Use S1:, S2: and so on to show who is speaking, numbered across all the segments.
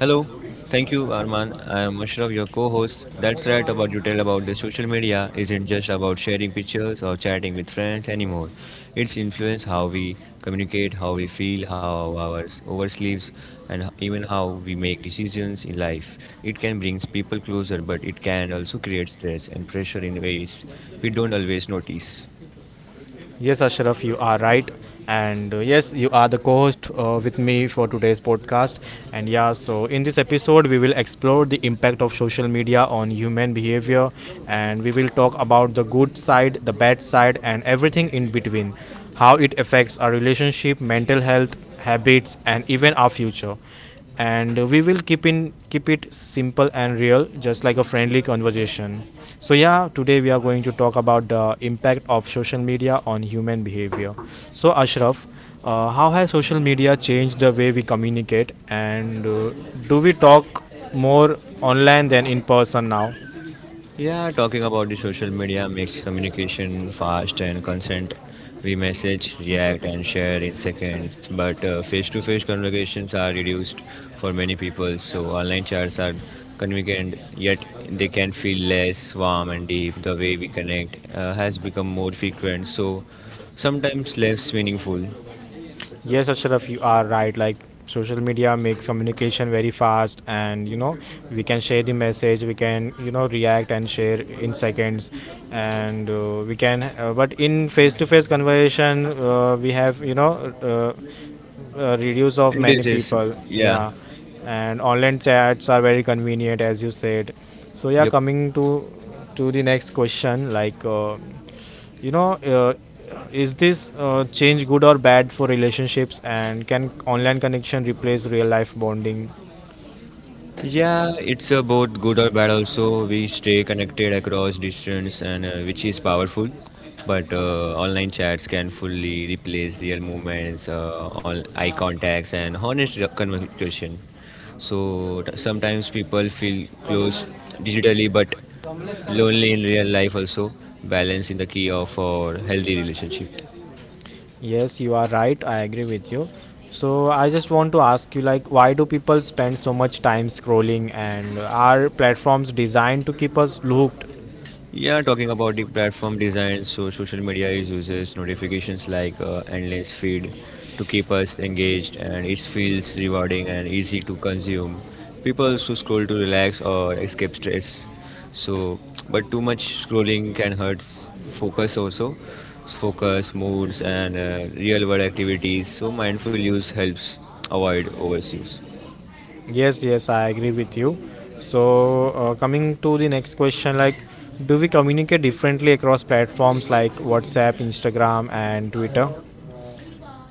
S1: Hello, thank you, Arman. I am Ashraf, your co host. That's right about you tell about the social media isn't just about sharing pictures or chatting with friends anymore. It's influence how we communicate, how we feel, how our oversleeps, and even how we make decisions in life. It can bring people closer, but it can also create stress and pressure in ways we don't always notice.
S2: Yes, Ashraf, you are right. And yes, you are the co host with me for today's podcast. And yeah, so in this episode, we will explore the impact of social media on human behavior, and we will talk about the good side, the bad side, and everything in between, how it affects our relationship, mental health, habits, and even our future. And we will keep it simple and real, just like a friendly conversation. So yeah, today we are going to talk about the impact of social media on human behavior. So Ashraf, how has social media changed the way we communicate, and do we talk more online than in person now?
S1: Yeah, talking about the social media makes communication fast and consent. We message, react, and share in seconds, but face-to-face conversations are reduced for many people. So online chats are convenient, yet they can feel less warm and deep. The way we connect has become more frequent, so sometimes less meaningful.
S2: Yes, Ashraf, you are right. Like social media makes communication very fast, and we can share the message, we can react and share in seconds, and we can. But in face-to-face conversation, we have uh, reviews of
S1: It
S2: many
S1: is, is
S2: people.
S1: yeah,
S2: Yeah, and online chats are very convenient, as you said. So yeah,
S1: yep.
S2: coming to the next question, like. you know, uh, is this change good or bad for relationships? And can online connection replace real life bonding?
S1: Yeah, it's both good or bad also. We stay connected across distance and which is powerful. But online chats can fully replace real movements, all eye contacts and honest conversation. So sometimes people feel close digitally but lonely in real life also. Balance in the key of our healthy relationship.
S2: Yes, you are right. I agree with you. So I just want to ask you, like, why do people spend so much time scrolling? And are platforms designed to keep us looped?
S1: Yeah, talking about the platform design, so social media is uses notifications like endless feed to keep us engaged, and it feels rewarding and easy to consume. People also scroll to relax or escape stress. So, but too much scrolling can hurt focus, moods, and real-world activities. So, mindful use helps avoid overuse.
S2: Yes, yes, I agree with you. So, coming to the next question, like, do we communicate differently across platforms like WhatsApp, Instagram, and Twitter?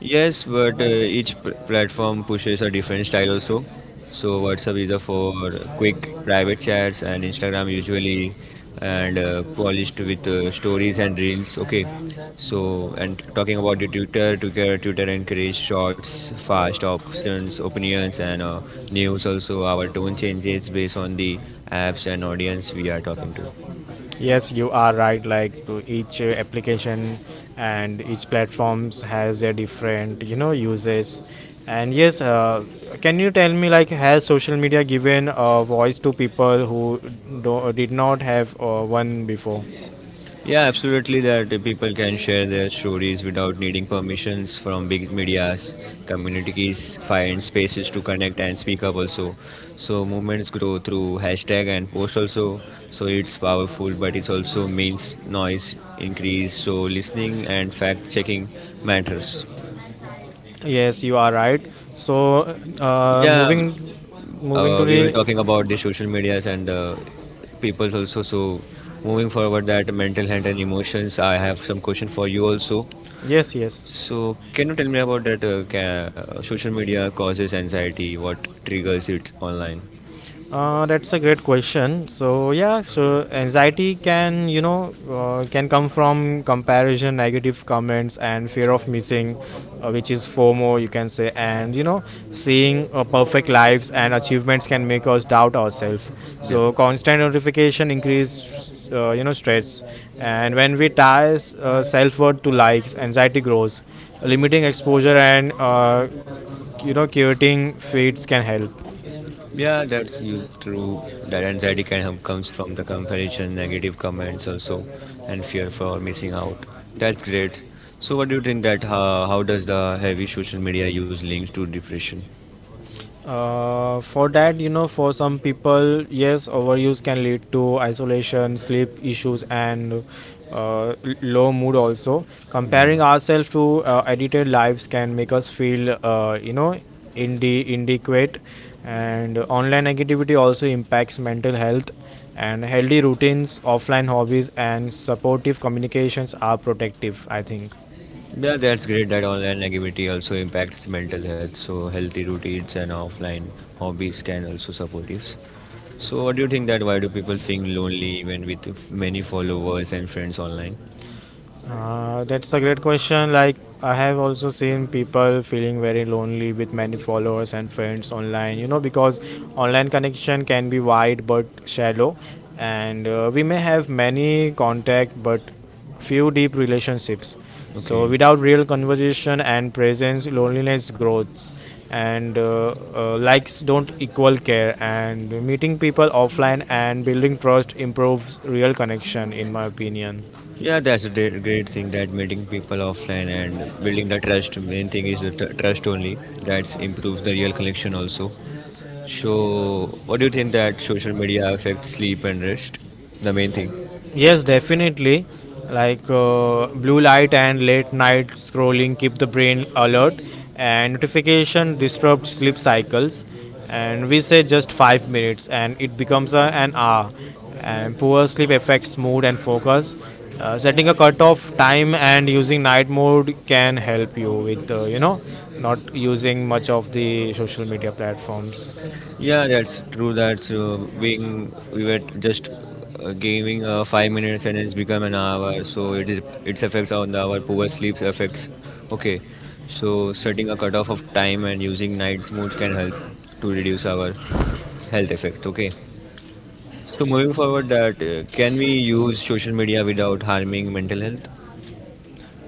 S1: Yes, but each platform pushes a different style also. So WhatsApp is a for quick private chats and Instagram usually and polished with stories and reels. Okay, so and talking about the Twitter, Twitter encourage shorts, fast options, opinions and news. Also, our tone changes based on the apps and audience we are talking to.
S2: Yes, you are right. Like to each application and each platforms has a different, you know, uses. And yes, can you tell me like has social media given a voice to people who did not have one before?
S1: Yeah, absolutely. That people can share their stories without needing permissions from big medias. Communities find spaces to connect and speak up also. So movements grow through hashtag and post also. So it's powerful, but it also means noise increase. So listening and fact checking matters.
S2: Yes, you are right. So uh,
S1: Yeah, um,
S2: moving, moving to
S1: we were
S2: the
S1: talking about the social medias and people's also. So moving forward, that mental health and emotions. I have some question for you also.
S2: yes, yes.
S1: So, can you tell me about that? Social media causes anxiety. What triggers it online?
S2: That's a great question. So yeah, so anxiety can you know can come from comparison, negative comments, and fear of missing, which is FOMO you can say. And you know, seeing perfect lives and achievements can make us doubt ourselves.
S1: Yep.
S2: So constant notification increase stress, and when we tie self worth to likes, anxiety grows. Limiting exposure and curating feeds can help.
S1: Yeah, that's you true. That anxiety can have comes from the comparison, negative comments also, and fear for missing out. That's great. So, what do you think that how does the heavy social media use links to depression?
S2: For that, you know, for some people, yes, overuse can lead to isolation, sleep issues, and low mood also. Comparing
S1: Hmm.
S2: ourselves to edited lives can make us feel, inadequate. And online negativity also impacts mental health. And healthy routines, offline hobbies, and supportive communications are protective, I think.
S1: Yeah, that's great that online negativity also impacts mental health. So healthy routines and offline hobbies can also support it. So what do you think that why do people feel lonely even with many followers and friends online?
S2: That's a great question. Like, I have also seen people feeling very lonely with many followers and friends online, you know, because online connection can be wide but shallow, and we may have many contact but few deep relationships. So,
S1: Okay.
S2: without real conversation and presence, loneliness grows, and likes don't equal care. And meeting people offline and building trust improves real connection, in my opinion.
S1: Yeah, that's a great thing that meeting people offline and building the trust. Main thing is the trust only. That improves the real connection also. So what do you think that social media affects sleep and rest? The main thing.
S2: Yes, definitely. Like blue light and late night scrolling keep the brain alert, and notification disrupt sleep cycles. And we say just 5 minutes, and it becomes a, an hour. And poor sleep affects mood and focus. Setting a cutoff time and using night mode can help you with not using much of the social media platforms.
S1: Yeah, that's true. That's being we were just gaming 5 minutes and it's become an hour. So it is its effects on the our poor sleep effects. Okay, so setting a cutoff of time and using night modes can help to reduce our health effect. Okay, so moving forward, that can we use social media without harming mental health?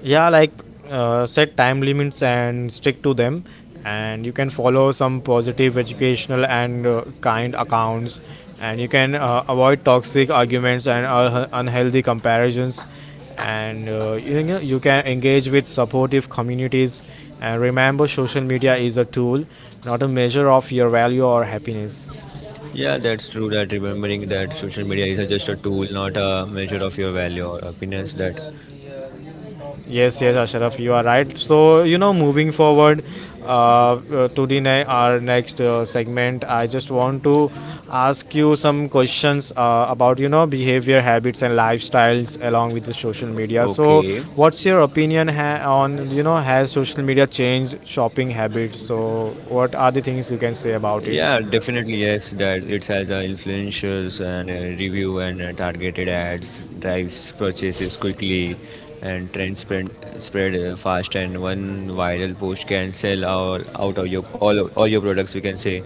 S2: Yeah, like set time limits and stick to them, and you can follow some positive educational and kind accounts, and you can avoid toxic arguments and unhealthy comparisons, and you can engage with supportive communities, and remember social media is a tool, not a measure of your value or happiness.
S1: Yeah, that's true. That remembering that social media is just a tool, not a measure of your value or happiness. That
S2: Yes, yes, Ashraf, you are right. So, you know, moving forward uh, to our next segment, I just want to ask you some questions about, you know, behavior, habits, and lifestyles along with the social media. So,
S1: okay.
S2: what's your opinion on, you know, has social media changed shopping habits? So, what are the things you can say about it?
S1: Yeah, definitely yes, that it has influencers and review and targeted ads, drives purchases quickly and trends spread, spread fast and one viral post can sell all, out of your all your products we can say.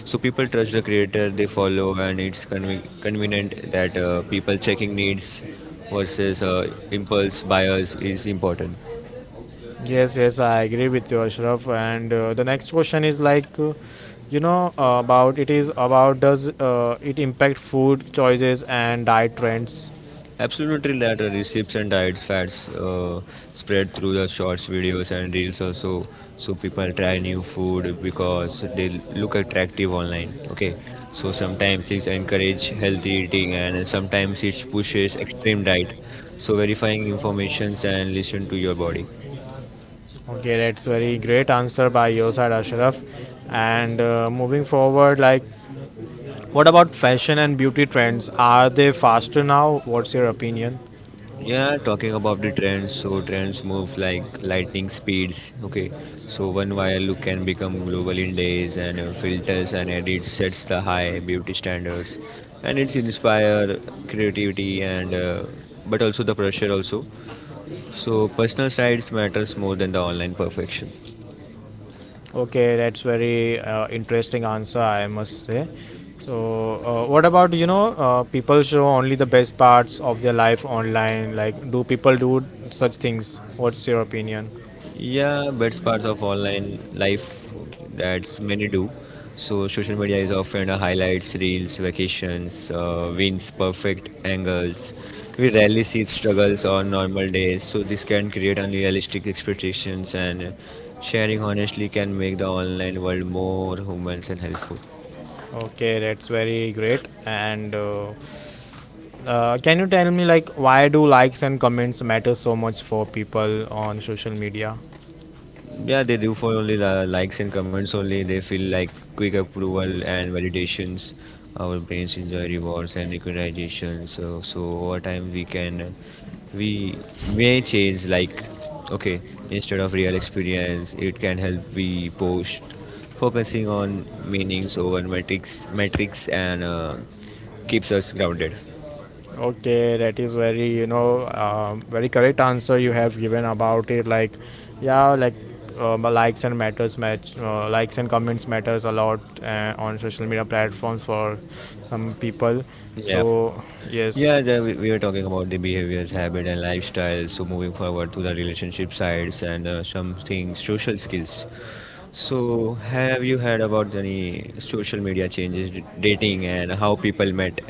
S1: So people trust the creator they follow and it's convenient that people checking needs versus impulse buyers is important.
S2: Yes, yes, I agree with you, Ashraf. And the next question is like, about it is about does it impact food choices and diet trends?
S1: Absolutely that recipes and diets fads spread through the shorts videos and reels also, so people try new food because they look attractive online, okay, so sometimes it's encourage healthy eating and sometimes it pushes extreme diet, so verifying informations and listen to your body.
S2: Okay, that's very great answer by your side, Ashraf. And moving forward, like, what about fashion and beauty trends? Are they faster now? What's your opinion?
S1: Yeah, talking about the trends, so trends move like lightning speeds. Okay, so one viral look can become global in days, and filters and edits sets the high beauty standards, and it's inspire creativity and but also the pressure also. So personal sides matters more than the online perfection.
S2: Okay, that's very interesting answer, I must say. So, what about, people show only the best parts of their life online? Like, do people do such things? What's your opinion?
S1: Yeah, that's part of online life that many do. So social media is often a highlights, reels, vacations, wins, perfect angles. We rarely see struggles on normal days, so this can create unrealistic expectations and sharing honestly can make the online world more humans and helpful.
S2: Okay, that's very great. And can you tell me like why do likes and comments matter so much for people on social media?
S1: Yeah, they do for only the likes and comments only. They feel like quick approval and validations. Our brains enjoy rewards and recognition. So over time we can, we may change like, okay, instead of real experience, it can help we post, focusing on meanings over metrics, metrics and keeps us grounded.
S2: Okay, that is very very correct answer you have given about it. Like, yeah, like likes and matters match likes and comments matters a lot on social media platforms for some people.
S1: Yeah.
S2: So yes.
S1: Yeah, the, we were talking about the behaviors, habit, and lifestyles. So moving forward to the relationship sides and something social skills. So have you heard about any social media changes, dating, and how people met?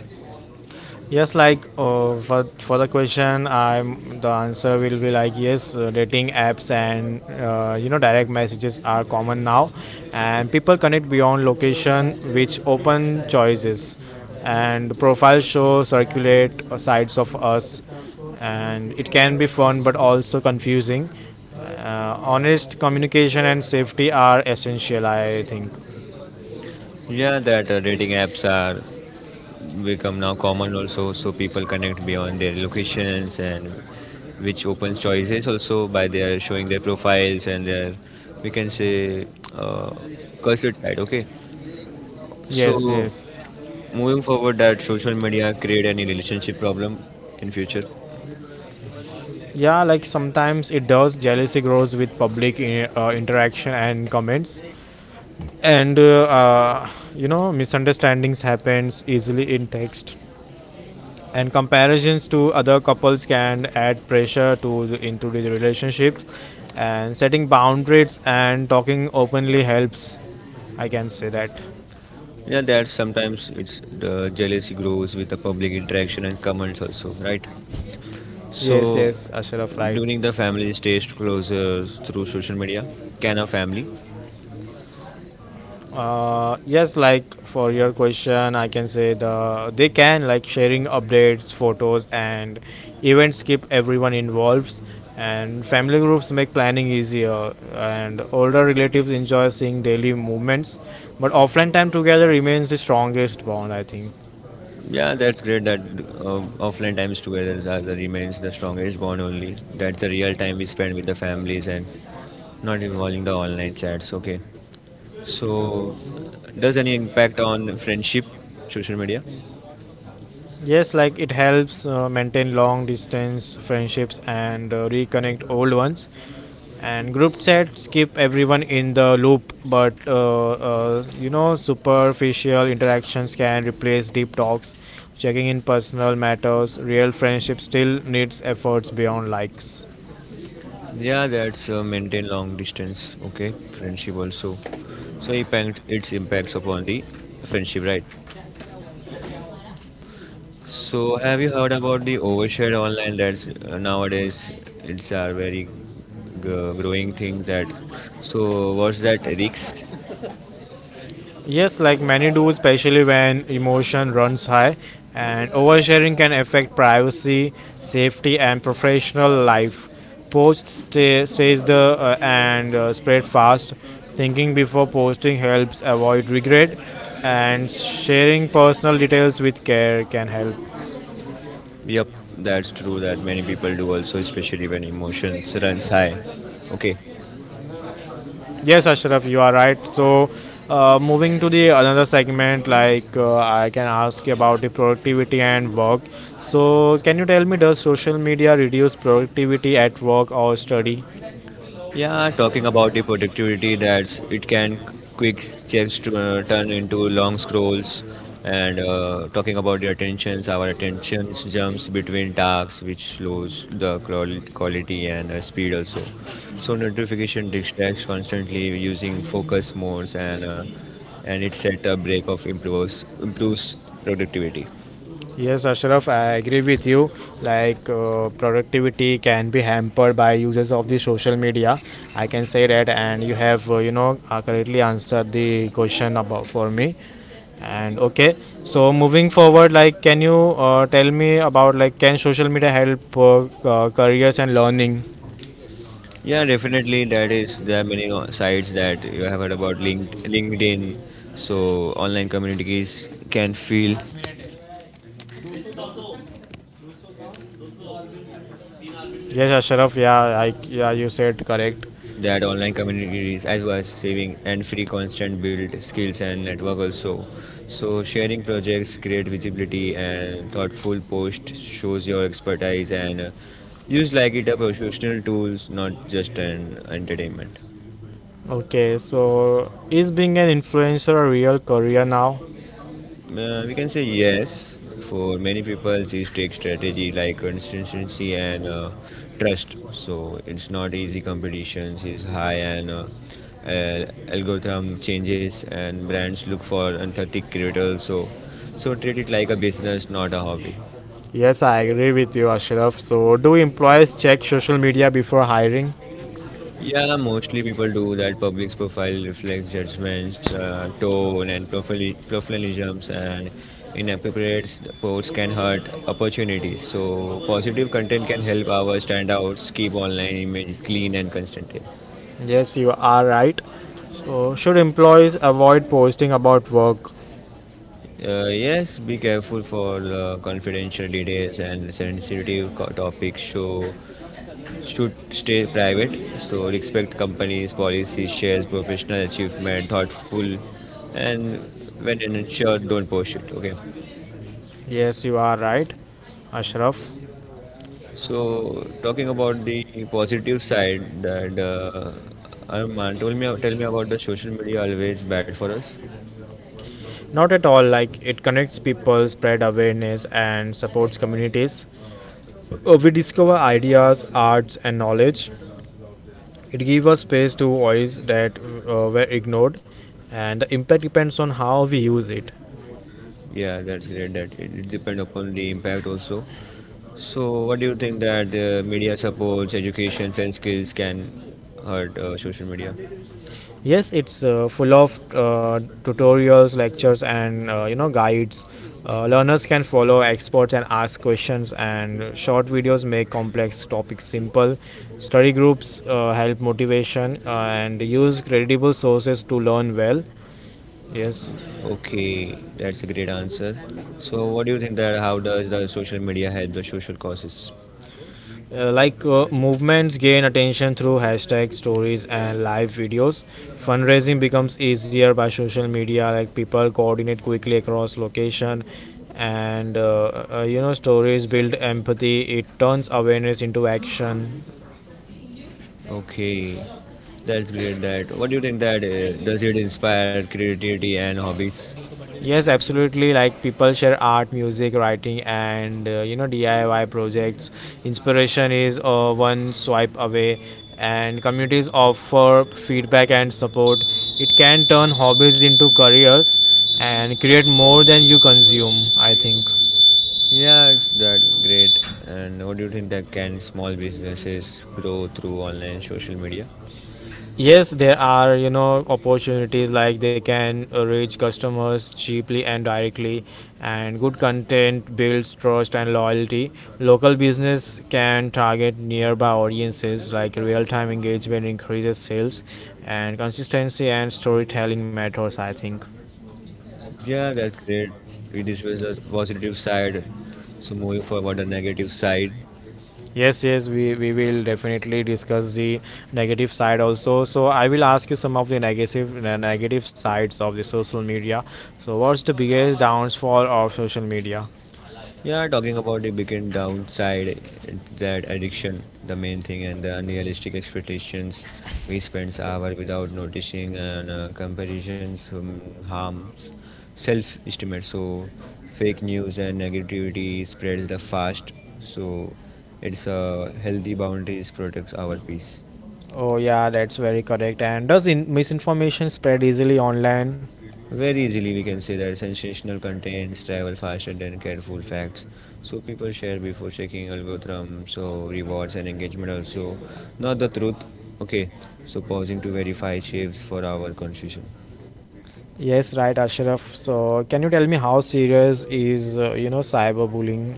S2: Yes, like for the question, I'm the answer will be like yes. Dating apps and direct messages are common now, and people connect beyond location, which open choices, and profile show circulate sides of us, and it can be fun but also confusing. Honest communication and safety are essential, I think.
S1: Yeah, that dating apps are become now common also. So people connect beyond their locations and which opens choices also by their showing their profiles and their we can say uh, cursed side. Okay,
S2: Yes,
S1: so.
S2: yes.
S1: Moving forward, that social media create any relationship problem in future.
S2: Yeah, like sometimes it does. Jealousy grows with public interaction and comments, and misunderstandings happens easily in text. And comparisons to other couples can add pressure to into the relationship. And setting boundaries and talking openly helps. I can say that.
S1: Yeah, that sometimes it's the jealousy grows with the public interaction and comments also, right?
S2: Yes,
S1: So
S2: yes, Ashraf, right.
S1: during the family stays closer through social media, can a family?
S2: Yes, like for your question, I can say the they can like sharing updates, photos, and events keep everyone involved, and family groups make planning easier, and older relatives enjoy seeing daily movements, but offline time together remains the strongest bond, I think.
S1: Yeah, that's great that offline times together are the remains the strongest bond only. That's the real time we spend with the families and not involving the online chats. Okay. So, does any impact on friendship social media?
S2: Yes, like it helps maintain long distance friendships and reconnect old ones. And group chats keep everyone in the loop, but superficial interactions can replace deep talks. Checking in personal matters, real friendship still needs efforts beyond likes.
S1: Yeah, that's maintain long distance. Okay, friendship also. So impact its impacts upon the friendship, right? So have you heard about the overshare online? That's nowadays it's a very growing thing. That so what's that risks?
S2: Yes, like many do, especially when emotion runs high, and oversharing can affect privacy, safety, and professional life. Posts stays the and spread fast. Thinking before posting helps avoid regret, and sharing personal details with care can help.
S1: Yep, that's true. That many people do also, especially when emotions runs high. Okay.
S2: Yes, Ashraf, you are right. So, moving to the another segment, like I can ask you about the productivity and work. So, can you tell me, does social media reduce productivity at work or study?
S1: Yeah, talking about the productivity, that's it can quick checks to turn into long scrolls and talking about the attentions, our attentions jumps between tasks which slows the quality and speed also, so notification distracts constantly using focus modes and it set a break of improves productivity.
S2: Yes, Ashraf, I agree with you. Like, productivity can be hampered by uses of the social media. I can say that, and you have, correctly answered the question about for me. And okay, so moving forward, like, can you tell me about like, can social media help careers and learning?
S1: Yeah, definitely. That is, there are many sites that you have heard about linked, LinkedIn. So online communities can feel
S2: Yes, Ashraf, yeah, you said correct.
S1: that online communities as well as saving and free constant build skills and network also. So sharing projects create visibility and thoughtful post shows your expertise and use like it a professional tools, not just an entertainment.
S2: Okay, so is being an influencer a real career now?
S1: We can say yes. For many people, these take strategy like consistency and trust. So it's not easy, competitions is high and algorithm changes and brands look for authentic creators. So treat it like a business, not a hobby.
S2: Yes, I agree with you, Ashraf. So, do employees check social media before hiring?
S1: Yeah, mostly people do that. Public's profile reflects judgments, tone, and professionalisms, and inappropriate posts can hurt opportunities. So, positive content can help our standouts keep online image clean and consistent.
S2: Yes, you are right. So, should employees avoid posting about work?
S1: Yes, be careful for the confidential details and sensitive topics show should stay private. So respect companies' policies, shares professional achievement, thoughtful, and when insured, don't post it. Okay.
S2: Yes, you are right, Ashraf.
S1: So talking about the positive side, that Arman told me tell me about the social media always bad for us.
S2: Not at all, like it connects people, spread awareness, and supports communities. We discover ideas, arts, and knowledge. It gives us space to voice that were ignored, and the impact depends on how we use it.
S1: Yeah, that's great. That it depends upon the impact also. So, what do you think that media supports education and skills can hurt social media?
S2: Yes, it's full of tutorials, lectures, and guides. Learners can follow experts and ask questions. And short videos make complex topics simple. Study groups help motivation and use credible sources to learn well. Yes.
S1: Okay, that's a great answer. So, what do you think that how does the social media help the social causes?
S2: Like movements gain attention through hashtags, stories, and live videos. Fundraising becomes easier by social media. Like people coordinate quickly across location, and stories build empathy. It turns awareness into action.
S1: Okay, that's great. That what do you think that does it inspire creativity and hobbies?
S2: Yes, absolutely. Like people share art, music, writing, and DIY projects. Inspiration is one swipe away, and communities offer feedback and support. It can turn hobbies into careers and create more than you consume, I think.
S1: Yeah, it's that great. And what do you think that can small businesses grow through online social media?
S2: Yes, there are, you know, opportunities like they can reach customers cheaply and directly, and good content builds trust and loyalty. Local business can target nearby audiences, like real time engagement increases sales, and consistency and storytelling matters, I think.
S1: Yeah, that's great. We discussed the positive side. So moving forward, the negative side.
S2: Yes, yes, we will definitely discuss the negative side also. So I will ask you some of the negative sides of the social media. So what's the biggest downfall of social media?
S1: Yeah, talking about the big downside, it's that addiction, the main thing, and the unrealistic expectations. We spend hours without noticing, and comparisons harms self-estimate. So fake news and negativity spreads the fast. So it's a healthy boundaries protects our peace.
S2: Oh yeah, that's very correct. And does misinformation spread easily online?
S1: Very easily, we can say that sensational contents travel faster than careful facts. So people share before checking algorithm. So rewards and engagement also, not the truth. Okay. So pausing to verify saves for our confusion.
S2: Yes, right, Ashraf. So can you tell me how serious is cyberbullying?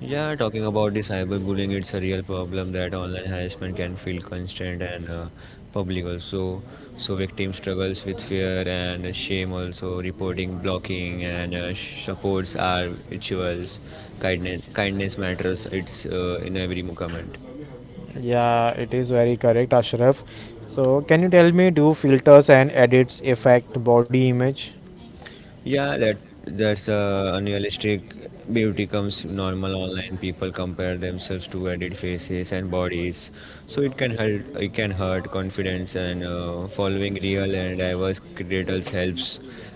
S1: Yeah, talking about the cyberbullying, it's a real problem that online harassment can feel constant and public also. So victim struggles with fear and shame also. Reporting, blocking, and supports are rituals. Kindness matters. It's in every movement.
S2: Yeah, it is very correct, Ashraf. So can you tell me do filters and edits affect body image?
S1: Yeah, that that's a unrealistic beauty comes normal online, people compare themselves to edit faces and bodies, so it can hurt confidence and following real and diverse creators helps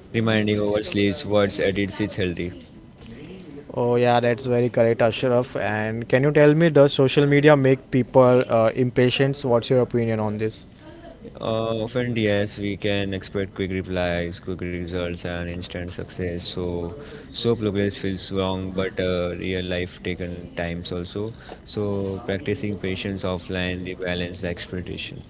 S1: reminding oversleeves what's edits is healthy.
S2: Oh yeah, that's very correct, Ashraf. And can you tell me, does social media make people impatient? What's your opinion on this?
S1: Often, yes, we can expect quick replies, quick results, and instant success. So progress feels wrong, but real life taken times also. So, practicing patience offline, they balance the expectation.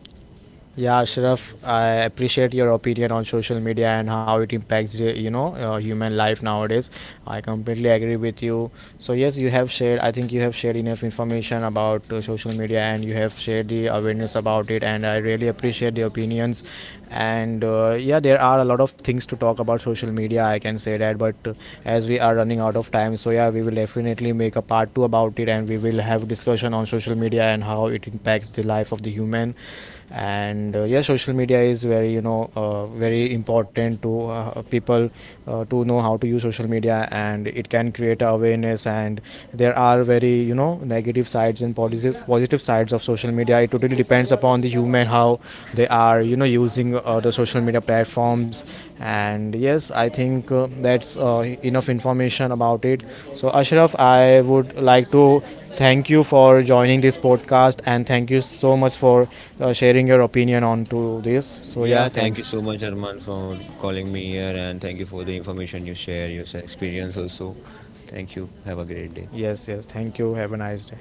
S2: Yeah, Ashraf, I appreciate your opinion on social media and how it impacts human life nowadays. I completely agree with you. So yes, you have shared. I think you have shared enough information about social media and you have shared the awareness about it. And I really appreciate the opinions. And yeah, there are a lot of things to talk about social media. I can say that, but as we are running out of time, so yeah, we will definitely make a part two about it, and we will have discussion on social media and how it impacts the life of the human, and yeah, social media is very very important to people, to know how to use social media, and it can create awareness, and there are very, you know, negative sides and positive sides of social media. It totally depends upon the human how they are, you know, using the social media platforms. And yes, I think that's enough information about it. So Ashraf, I would like to thank you for joining this podcast and thank you so much for sharing your opinion on to this. So yeah,
S1: Yeah, thank you
S2: thanks.
S1: so much, Arman, for calling me here, and thank you for the information you share, your experience also. Thank you. Have a great day.
S2: Yes, yes. Thank you. Have a nice day.